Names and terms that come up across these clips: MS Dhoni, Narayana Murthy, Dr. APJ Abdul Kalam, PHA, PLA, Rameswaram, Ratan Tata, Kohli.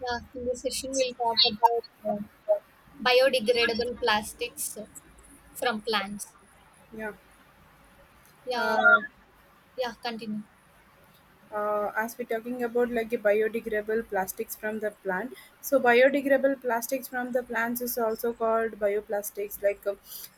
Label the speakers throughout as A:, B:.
A: Yeah, in this session, we'll talk about biodegradable plastics from plants.
B: Yeah.
A: Yeah,
B: Uh,
A: yeah, continue.
B: as we're talking about like a biodegradable plastics from the plant, so biodegradable plastics from the plants is also called bioplastics, like uh,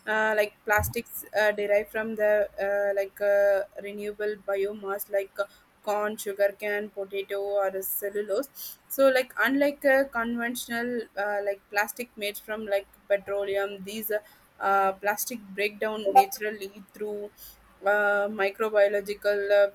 B: uh, like plastics derived from the like renewable biomass like corn, sugarcane, potato, or cellulose. So, like unlike a conventional like plastic made from like petroleum, these plastic breakdown naturally through microbiological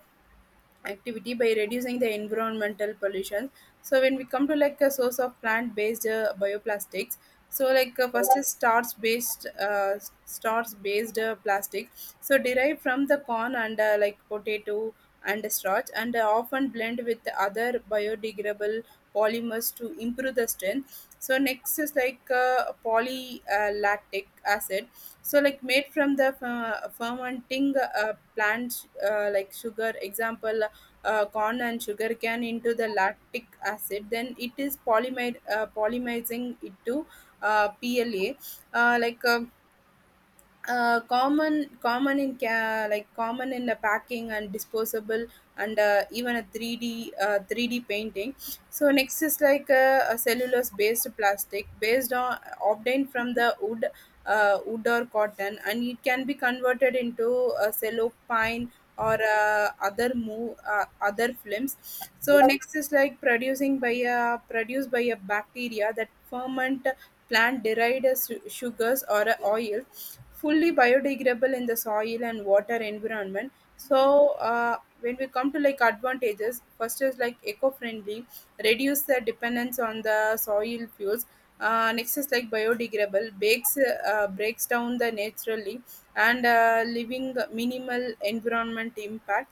B: activity, by reducing the environmental pollution. So when we come to like a source of plant based bioplastics, so first is starch based starch based plastic, so derived from the corn and like potato and starch, and often blend with other biodegradable polymers to improve the strength. So next is polylactic acid, so like made from the fermenting plant like sugar, example, corn and sugar cane, into the lactic acid, then it is polymerizing it to pla like common in like common in the packing and disposable, and even a 3D painting. So next is like a cellulose based plastic based on, obtained from the wood or cotton, and it can be converted into a cellophane or other films. So next is like producing by a produced by a bacteria that ferment plant derived sugars or a oil, fully biodegradable in the soil and water environment. So when we come to like advantages, first is like eco-friendly, reduce the dependence on the soil fuels. Next is like biodegradable, breaks down the naturally, and leaving minimal environment impact.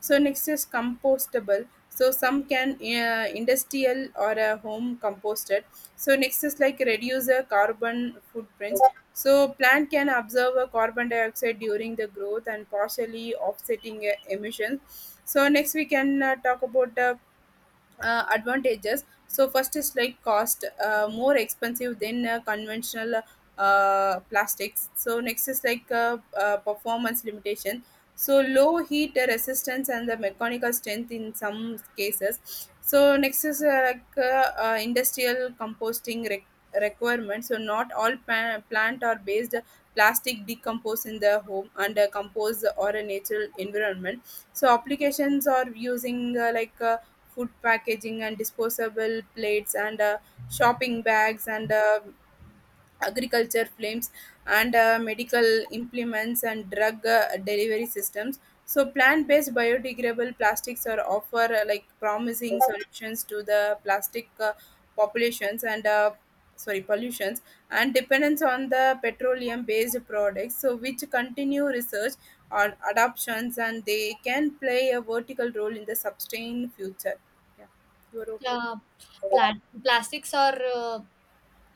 B: So next is compostable, so some can industrial or home composted. So next is like reduce the carbon footprints, so plant can absorb a carbon dioxide during the growth and partially offsetting emissions. So next we can talk about advantages. So first is like cost, more expensive than conventional plastics. So next is like performance limitation, so low heat resistance and the mechanical strength in some cases. So next is like industrial composting requirement, so not all plant or based plastic decompose in the home and compose or a natural environment. So applications are using food packaging and disposable plates and shopping bags, and agriculture flames, and medical implements and drug delivery systems. So plant-based biodegradable plastics are offer like promising solutions to the plastic populations and sorry, pollutions, and dependence on the petroleum based products, so which continue research on adoptions, and they can play a vertical role in the sustained future. Yeah, your opinion.
A: Yeah, plastics are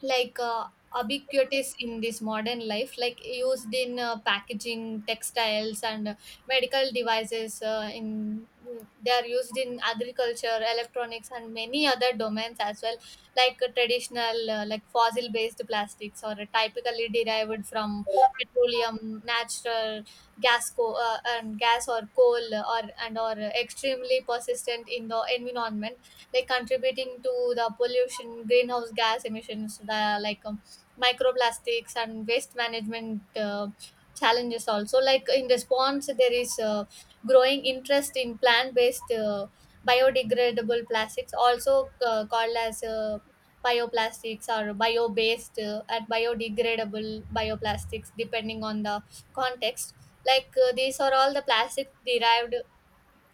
A: like uh, ubiquitous in this modern life, like used in packaging, textiles, and medical devices, they are used in agriculture, electronics, and many other domains as well. Traditional, like fossil based plastics, or typically derived from petroleum, natural gas, or coal, or and or extremely persistent in the environment, like contributing to the pollution, greenhouse gas emissions, the like microplastics, and waste management challenges also. Like, in response, there is growing interest in plant-based, biodegradable plastics, also called as bioplastics, or bio-based and biodegradable bioplastics, depending on the context. These are all the plastic derived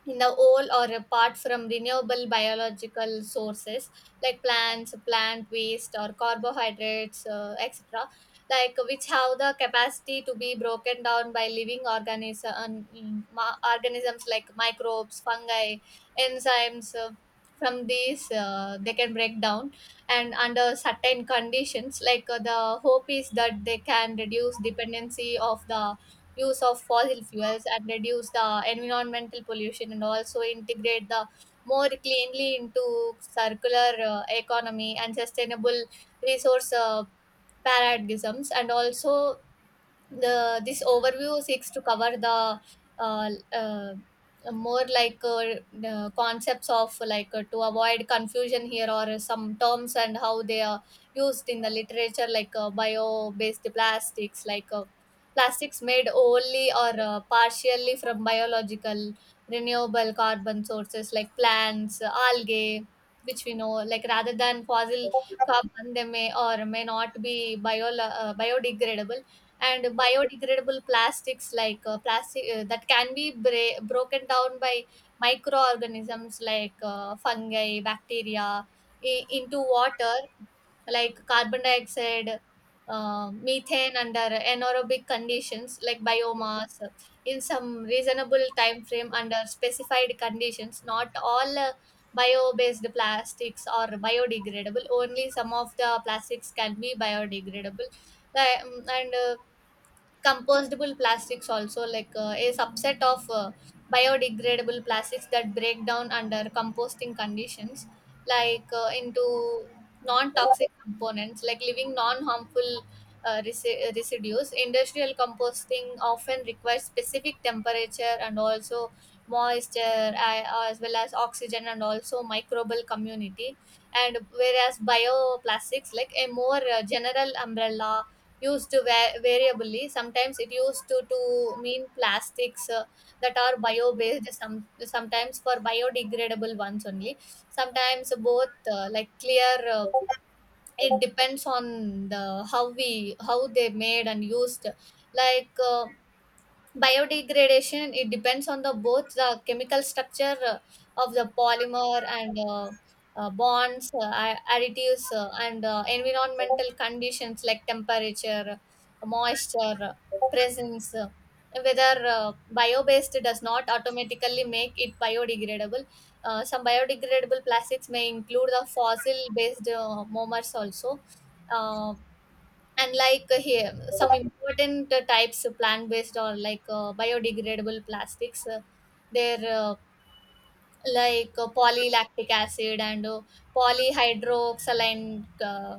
A: in the whole or apart from renewable biological sources like plants, plant waste, or carbohydrates, etc., which have the capacity to be broken down by living organisms like microbes, fungi, enzymes. From these They can break down and under certain conditions. The hope is that they can reduce dependency of the use of fossil fuels, and reduce the environmental pollution, and also integrate the more cleanly into circular economy and sustainable resource paradigms. And also, the this overview seeks to cover the uh, uh, more like the concepts of, to avoid confusion here, or some terms and how they are used in the literature. Bio based plastics, plastics made only or partially from biological renewable carbon sources like plants, algae, which we know, like rather than fossil carbon. They may or may not be biodegradable. And biodegradable plastics, plastic that can be broken down by microorganisms fungi, bacteria, into water, like carbon dioxide, methane, under anaerobic conditions, like biomass, in some reasonable time frame under specified conditions. Not all bio-based plastics are biodegradable; only some of the plastics can be biodegradable. Like, and Compostable plastics also, a subset of biodegradable plastics that break down under composting conditions, into non-toxic components, like leaving non-harmful residues. Industrial composting often requires specific temperature, and also moisture, as well as oxygen, and also microbial community. And whereas bioplastics, like a more general umbrella, used to variably, sometimes it used to mean plastics that are bio based some sometimes for biodegradable ones only, sometimes both. Like clear It depends on the how we how they made and used. like uh, Biodegradation, it depends on the both the chemical structure of the polymer, and bonds, additives, and environmental conditions like temperature, moisture, presence, whether. Bio-based does not automatically make it biodegradable. Some biodegradable plastics may include the fossil-based monomers also. Um, and like Here, some important types of plant based or biodegradable plastics, their, polylactic acid, and polyhydroxylene,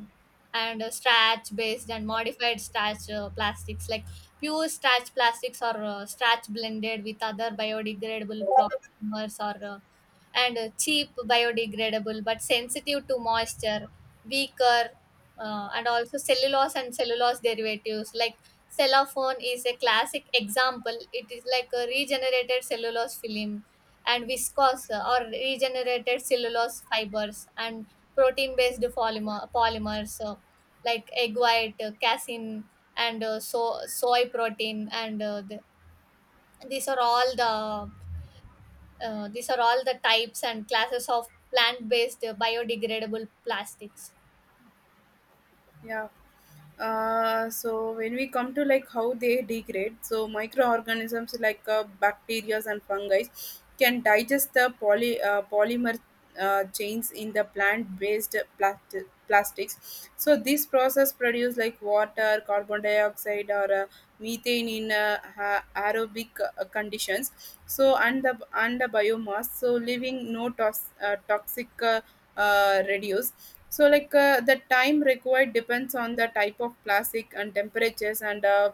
A: and starch based and modified starch plastics, like pure starch plastics, or starch blended with other biodegradable polymers, or and cheap, biodegradable but sensitive to moisture, weaker. And also cellulose and cellulose derivatives, like cellophane. Is a classic example, it is like a regenerated cellulose film, and viscose, or regenerated cellulose fibers, and protein based polymers, like egg white, casein, and soy protein. These are all the these are all the types and classes of plant based biodegradable plastics.
B: yeah so when we come to like how they degrade, so microorganisms like bacteria and fungi can digest the polymer chains in the plant based plastics. So this process produce like water, carbon dioxide or methane in aerobic conditions, so and the biomass, so leaving no toxic reduce. So the time required depends on the type of plastic and temperatures and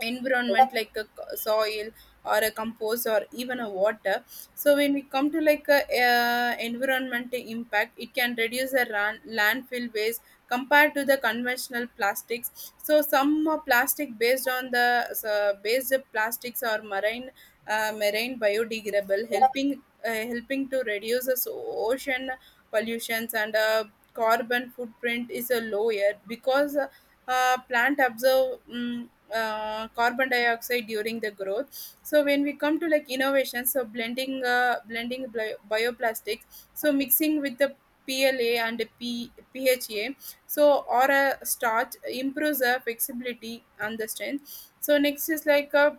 B: environment, like a soil or a compost or even a water. So when we come to like environment impact, it can reduce the landfill waste compared to the conventional plastics. So some plastic based on the so based plastics or marine biodegradable, helping to reduce the ocean pollutions, and carbon footprint is a lower because plant absorb carbon dioxide during the growth. So when we come to like innovation, so blending bioplastics, so mixing with the PLA and PHA, so or a starch improves the flexibility and the strength. So next is like a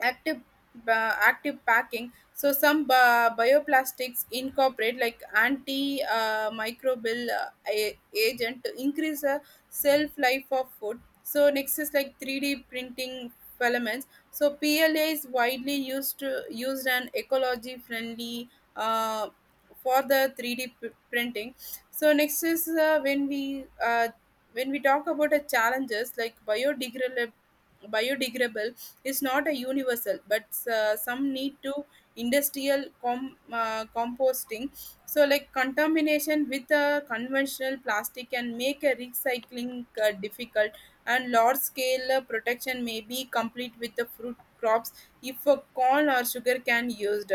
B: active active packing, so some bioplastics incorporate like anti microbial agent to increase the shelf life of food. So next is like 3D printing filaments, so pla is widely used to used and ecology friendly uh, for the 3D printing. So next is when we talk about the challenges, like biodegradable is not a universal, but some need to composting. So like contamination with a conventional plastic can make a recycling difficult, and large scale protection may be complete with the fruit crops if a corn or sugar can used.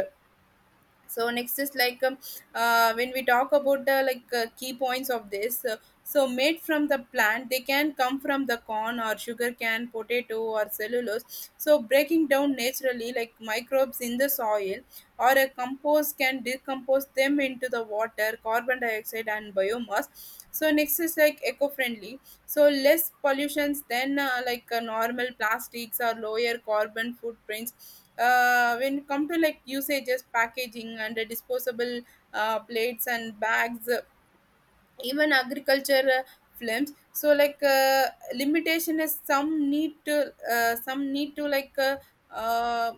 B: So next is when we talk about the key points of this so made from the plant, they can come from the corn or sugar cane, potato, or cellulose. So breaking down naturally, like microbes in the soil or a compost can decompose them into the water, carbon dioxide, and biomass. So next is like eco-friendly, so less pollutions than normal plastics, or lower carbon footprints. When it come to like usages, packaging and disposable plates and bags, even agriculture films. So limitation is, uh,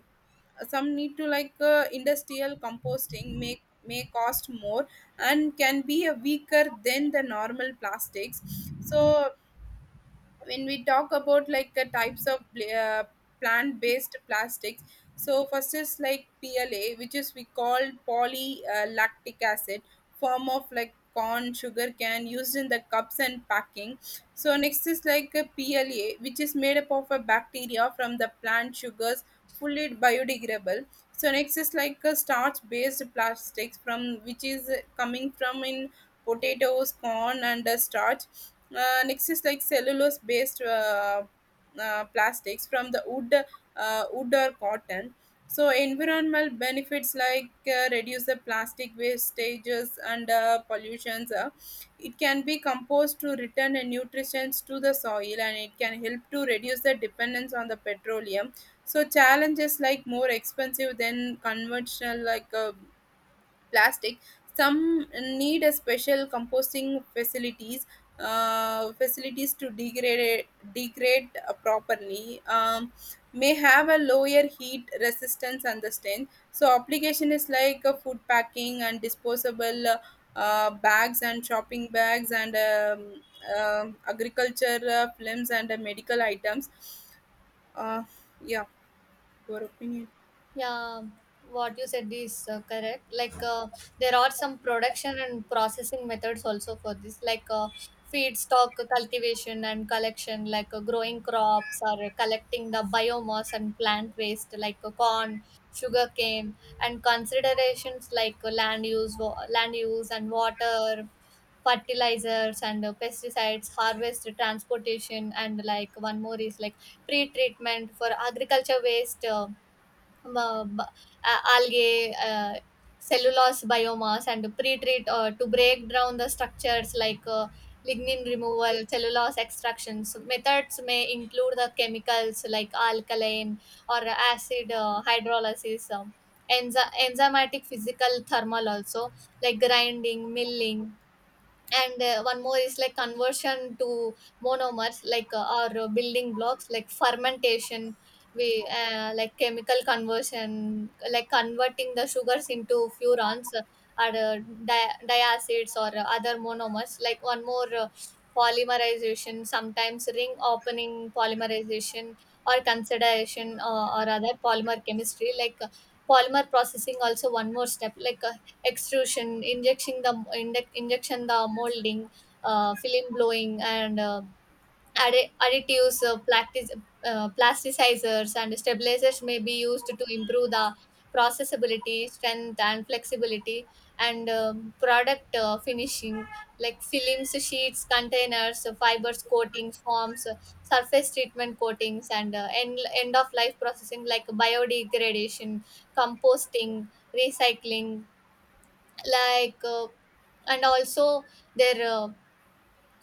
B: some need to industrial composting, make may cost more, and can be a weaker than the normal plastics. So when we talk about like the types of plant-based plastics, so first is like pla, which is we call polylactic acid, form of like corn sugar can, used in the cups and packing. So next is like a pla, which is made up of a bacteria from the plant sugars, fully biodegradable. So next is like a starch based plastics, from which is coming from in potatoes, corn, and starch. Next is like cellulose based plastics from the wood, wood or cotton. So environmental benefits like reduce the plastic wastages and pollutions. It can be composed to return the nutrients to the soil, and it can help to reduce the dependence on the petroleum. So challenges like more expensive than conventional plastic. Some need a special composting facilities to degrade properly. May have a lower heat resistance and the strength. So application is like food packing and disposable bags and shopping bags, and agriculture films, and medical items. Uh, yeah, your opinion.
A: Yeah, what you said is correct. There are some production and processing methods also for this, feedstock cultivation and collection, growing crops or collecting the biomass and plant waste, corn, sugarcane, and considerations land use, land use and water, fertilizers, and pesticides, harvest, transportation, and like one more is like pre-treatment for agriculture waste, ಬ ಬ algae, uh, cellulose biomass, and pre-treat to break down the structures, lignin removal, cellulose extractions. Methods may include the chemicals like alkaline or acid hydrolysis, enzymatic, physical, thermal also, like grinding, milling, and one more is like conversion to monomers, like or building blocks like fermentation, we like chemical conversion, like converting the sugars into furans, or uh, diacids, or other monomers, like one more, polymerization, sometimes ring opening polymerization, or consideration, or other polymer chemistry, polymer processing also, one more step, extrusion, injection the molding, film blowing, and additives, plasticizers, and stabilizers may be used to improve the processability, strength, and flexibility, and product finishing like films, sheets, containers, fibers, coatings, forms, surface treatment coatings, and end of life processing like biodegradation, composting, recycling, like uh, and also their, uh,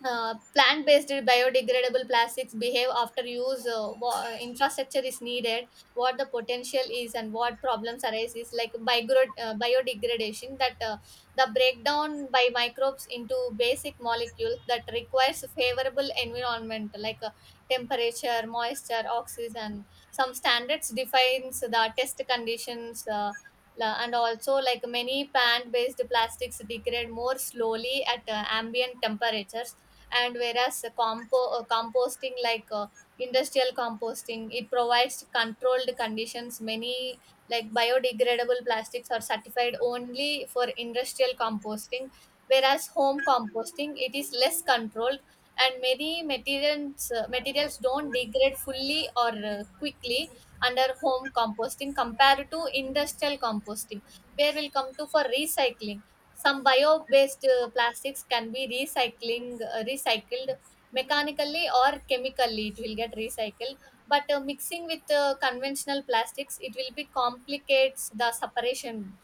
A: uh, plant-based biodegradable plastics behave after use. Infrastructure is needed, what the potential is, and what problems arise is like biodegradation, that the breakdown by microbes into basic molecule that requires favorable environment, temperature, moisture, oxygen. Some standards defines the test conditions, and also like many plant-based plastics degrade more slowly at ambient temperatures. And whereas composting, industrial composting, it provides controlled conditions. Many biodegradable plastics are certified only for industrial composting, whereas home composting, it is less controlled, and many materials don't degrade fully or quickly under home composting compared to industrial composting. Where we'll come to for recycling, some bio-based plastics can be recycling recycled mechanically or chemically, it will get recycled. But mixing with conventional plastics, it will be complicates the separation.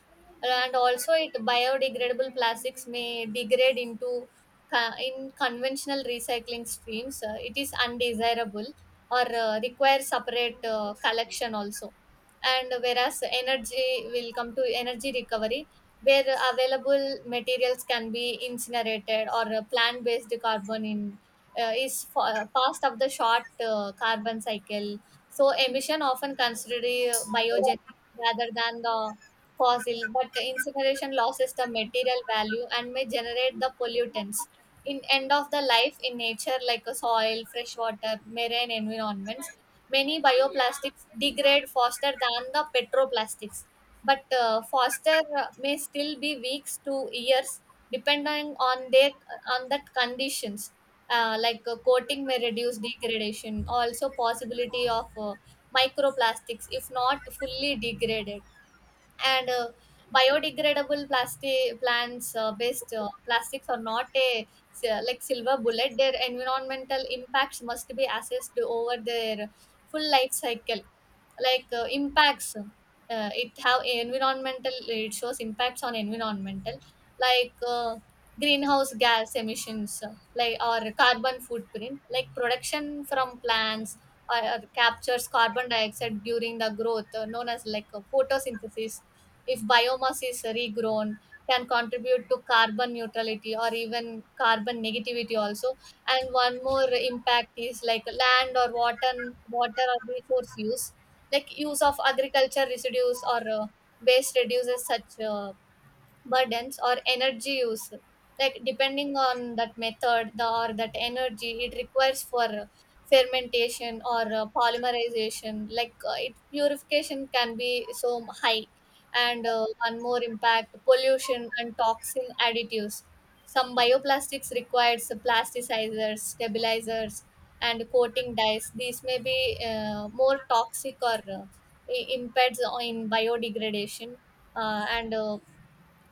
A: And also it biodegradable plastics may degrade into in conventional recycling streams, it is undesirable, or require separate collection also. And whereas energy will come to energy recovery, where available materials can be incinerated, or plant based carbon in fast of the short carbon cycle, so emission often considered biogenic rather than the fossil, but the incineration loses the material value and may generate the pollutants. In end of the life in nature, like a soil, fresh water, marine environments, many bioplastics degrade faster than the petroplastics. But faster may still be weeks to years, depending on their on that conditions. Coating may reduce degradation. Also, possibility of microplastics if not fully degraded. And Biodegradable plastic plants based plastics are not a like silver bullet. Their environmental impacts must be assessed over their full life cycle. Like impacts it have environmental It shows impacts on environmental, like uh, greenhouse gas emissions, or carbon footprint, like production from plants or captures carbon dioxide during the growth, known as photosynthesis. If biomass is regrown, can contribute to carbon neutrality, or even carbon negativity also. And one more impact is like land or water or resource use, like use of agriculture residues, or waste reduces such burdens, or energy use, like depending on that method, or that energy it requires for fermentation, or polymerization, it purification can be so high. And one more impact, pollution and toxin additives. Some bioplastics requires plasticizers, stabilizers, and coating dyes. These may be more toxic, or impairs on in biodegradation. And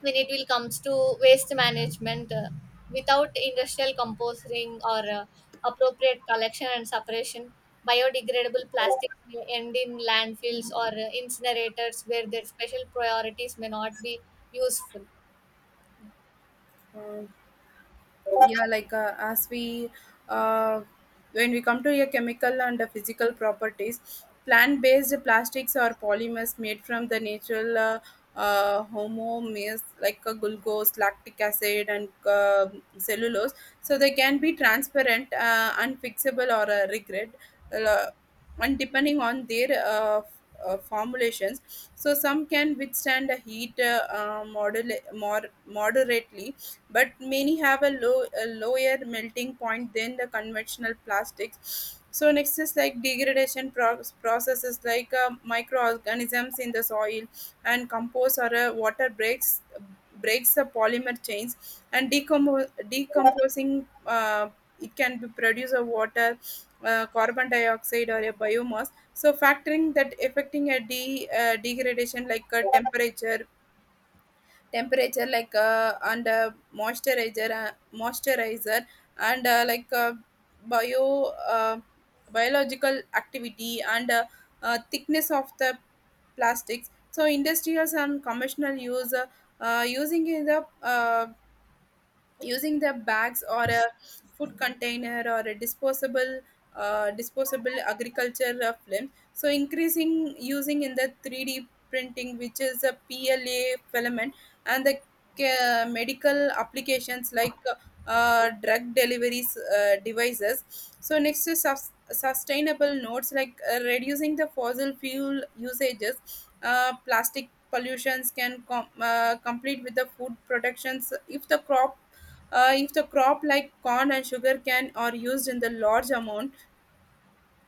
A: When it will comes to waste management, without industrial composting, or appropriate collection and separation, biodegradable plastics may end in landfills, or incinerators, where their special priorities may not be useful.
B: Um, yeah like as we uh, when we come to your chemical and the physical properties, plant based plastics or polymers made from the natural homomers like glucose, lactic acid, and cellulose, so they can be transparent, unfixable, or regret, uh, and depending on their formulations, so some can withstand the heat more moderately, but many have a lower melting point than the conventional plastics. So next is like degradation processes, like microorganisms in the soil and compost or water breaks the polymer chains and decomposing it, can be produce a water, carbon dioxide, or a biomass. So factoring that affecting a degradation, like a temperature and moisturizer, and bio uh, biological activity, and thickness of the plastics. So industrials and commercial use uh, using in the uh, using the bags or a food container, or a disposable agriculture film, so increasing using in the 3D printing, which is a pla filament, and the medical applications like drug deliveries devices. So next is sustainable notes like reducing the fossil fuel usages, plastic pollutions can complete with the food productions, if the crop like corn and sugarcane are used in the large amount.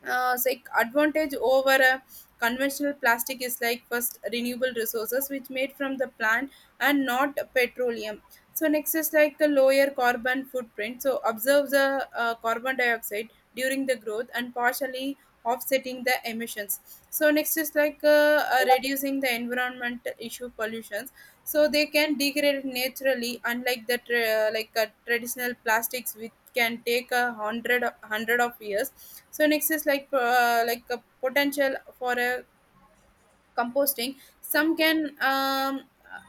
B: So like advantage over a conventional plastic is like first, renewable resources, which made from the plant and not petroleum. So next is like the lower carbon footprint, so observe the carbon dioxide during the growth and partially offsetting the emissions. So next is like reducing the environment issue pollutions, so they can degrade naturally unlike the traditional plastics, which can take a hundred of years. So next is like a potential for a composting, some can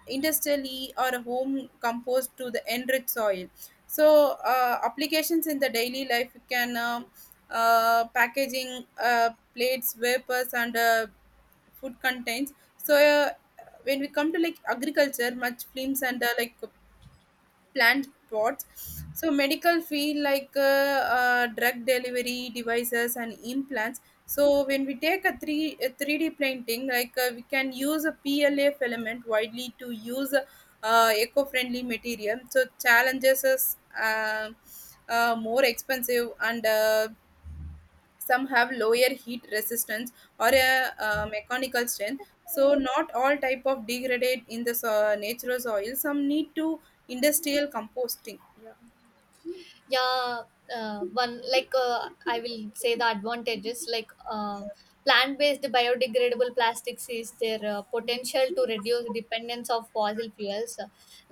B: industrially or home compost to the enriched soil. So applications in the daily life can packaging, plates, vapors, and food contents. So when we come to like agriculture, much films and like plant pots. So medical field like drug delivery devices and implants. So when we take a 3D printing, like we can use a PLA filament widely to use eco-friendly material. So challenges is more expensive, and some have lower heat resistance or a mechanical strength. So not all type of degrade in the natural soil, some need to industrial composting.
A: Yeah. One like I will say the advantages, plant-based biodegradable plastics is their potential to reduce dependence of fossil fuels.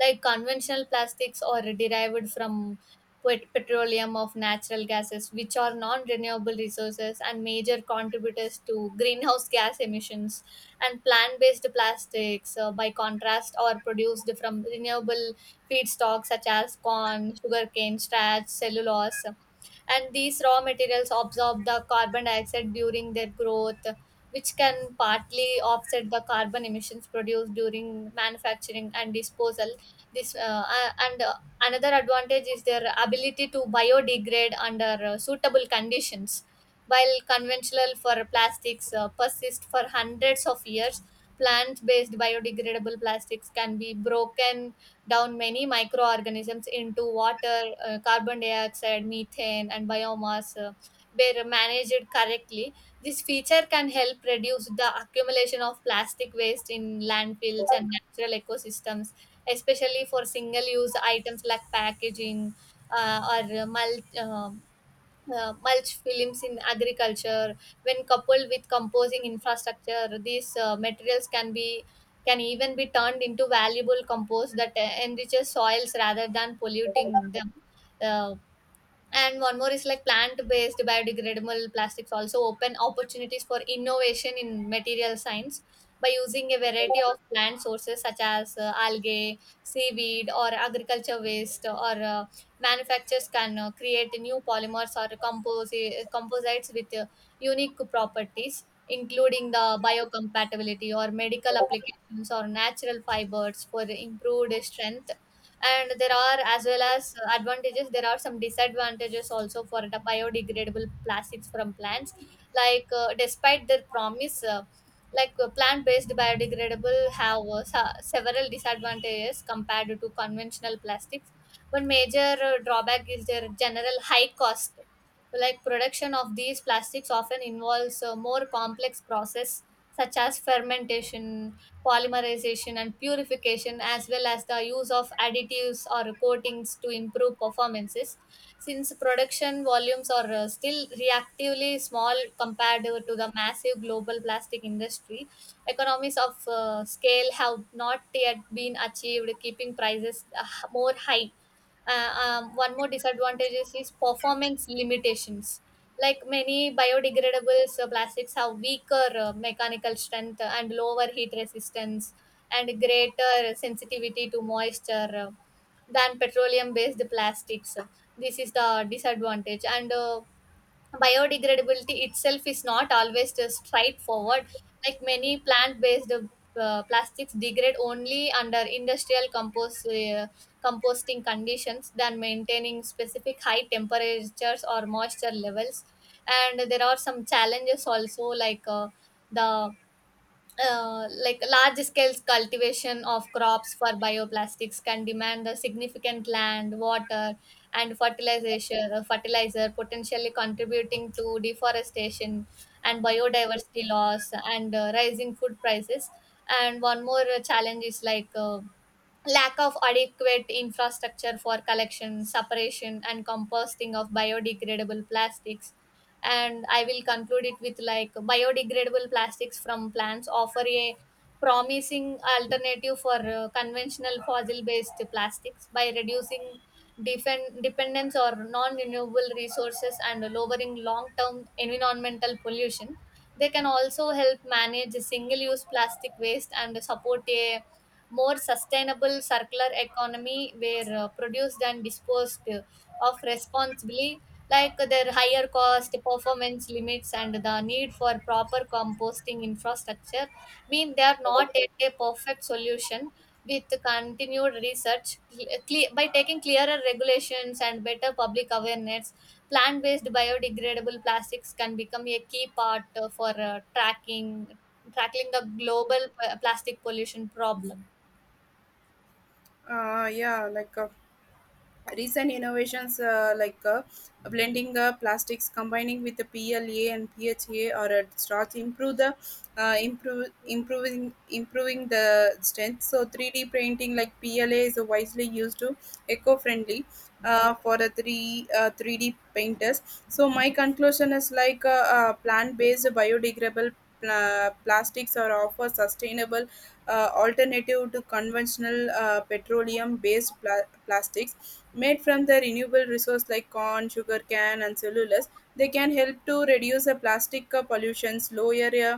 A: Like conventional plastics are derived from petroleum of natural gases, which are non-renewable resources and major contributors to greenhouse gas emissions. And plant-based plastics, by contrast, are produced from renewable feedstocks such as corn, sugarcane, starch, cellulose. And these raw materials absorb the carbon dioxide during their growth, which can partly offset the carbon emissions produced during manufacturing and disposal. This a- and Another advantage is their ability to biodegrade under suitable conditions. While conventional for plastics persist for hundreds of years, plant based biodegradable plastics can be broken down many microorganisms into water, carbon dioxide, methane, and biomass. Were managed correctly, this feature can help reduce the accumulation of plastic waste in landfills and natural ecosystems, especially for single use items like packaging, uh, or mulch films in agriculture. When coupled with composing infrastructure, these materials can be can even be turned into valuable compost that enriches soils rather than polluting them. uh, and one more is like plant based biodegradable plastics also open opportunities for innovation in material science by using a variety of plant sources such as algae, seaweed, or agriculture waste, or uh, manufacturers can create new polymers or composites with unique properties including the biocompatibility or medical applications or natural fibers for improved strength. And there are, as well as advantages, there are some disadvantages also for the biodegradable plastics from plants. Like despite their promise, plant-based biodegradable have several disadvantages compared to conventional plastics. One major drawback is their general high cost. Like production of these plastics often involves a more complex process, such as fermentation, polymerization, and purification, as well as the use of additives or coatings to improve performances. Since production volumes are still reactively small compared to the massive global plastic industry, economies of scale have not yet been achieved, keeping prices more high. uh, One more disadvantage is performance limitations. Like many biodegradables plastics have weaker mechanical strength and lower heat resistance and greater sensitivity to moisture than petroleum based plastics. This is the disadvantage. And biodegradability itself is not always just straightforward. Like many plant-based plastics degrade only under industrial composting conditions than maintaining specific high temperatures or moisture levels. And there are some challenges also, like the like large scale cultivation of crops for bioplastics can demand a significant land, water, and fertilization fertilizer, potentially contributing to deforestation and biodiversity loss and rising food prices. And one more challenge is lack of adequate infrastructure for collection, separation, and composting of biodegradable plastics. And I will conclude it with like biodegradable plastics from plants offer a promising alternative for conventional fossil based plastics by reducing dependence or non renewable resources and lowering long term environmental pollution. They can also help manage single use plastic waste and support a more sustainable circular economy where produced and disposed of responsibly. Like their higher cost, performance limits, and the need for proper composting infrastructure mean they are not at a perfect solution. With continued research, by taking clearer regulations and better public awareness, plant-based biodegradable plastics can become a key part for tracking tackling the global plastic pollution problem.
B: Yeah, recent innovations, blending plastics, combining with the PLA and PHA or a starch, improve the improve improving improving the strength. So 3D printing like PLA is wisely used to eco-friendly for the three 3D painters. So my conclusion is plant-based biodegradable plastics are offer sustainable alternative to conventional petroleum based plastics, made from the renewable resource like corn, sugar cane, and cellulose. They can help to reduce the plastic pollutions, lower uh,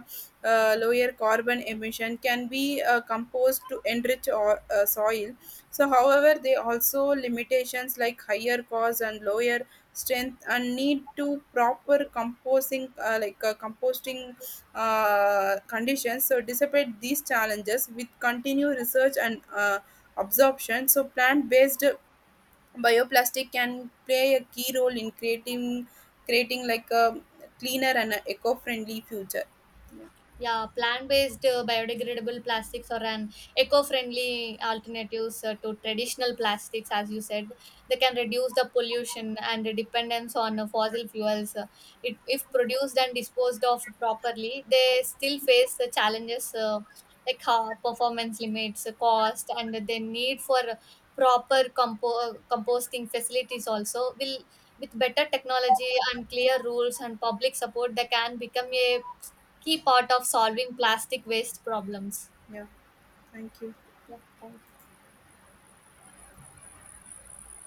B: uh, lower carbon emission, can be composed to enrich or, soil. So however, they also limitations like higher cost and lower strength, and need to proper composing composting conditions. So despite these challenges, with continued research and absorption, so plant-based bioplastic can play a key role in creating like a cleaner and a eco-friendly future.
A: Yeah, plant-based biodegradable plastics are an eco-friendly alternatives to traditional plastics, as you said. They can reduce the pollution and the dependence on fossil fuels. If produced and disposed of properly, they still face the challenges, like performance limits, cost, and the need for proper composting facilities. Also, will with better technology and clear rules and public support, they can become a key part of solving plastic waste problems.
B: Yeah, thank you.
A: Yeah, thank you.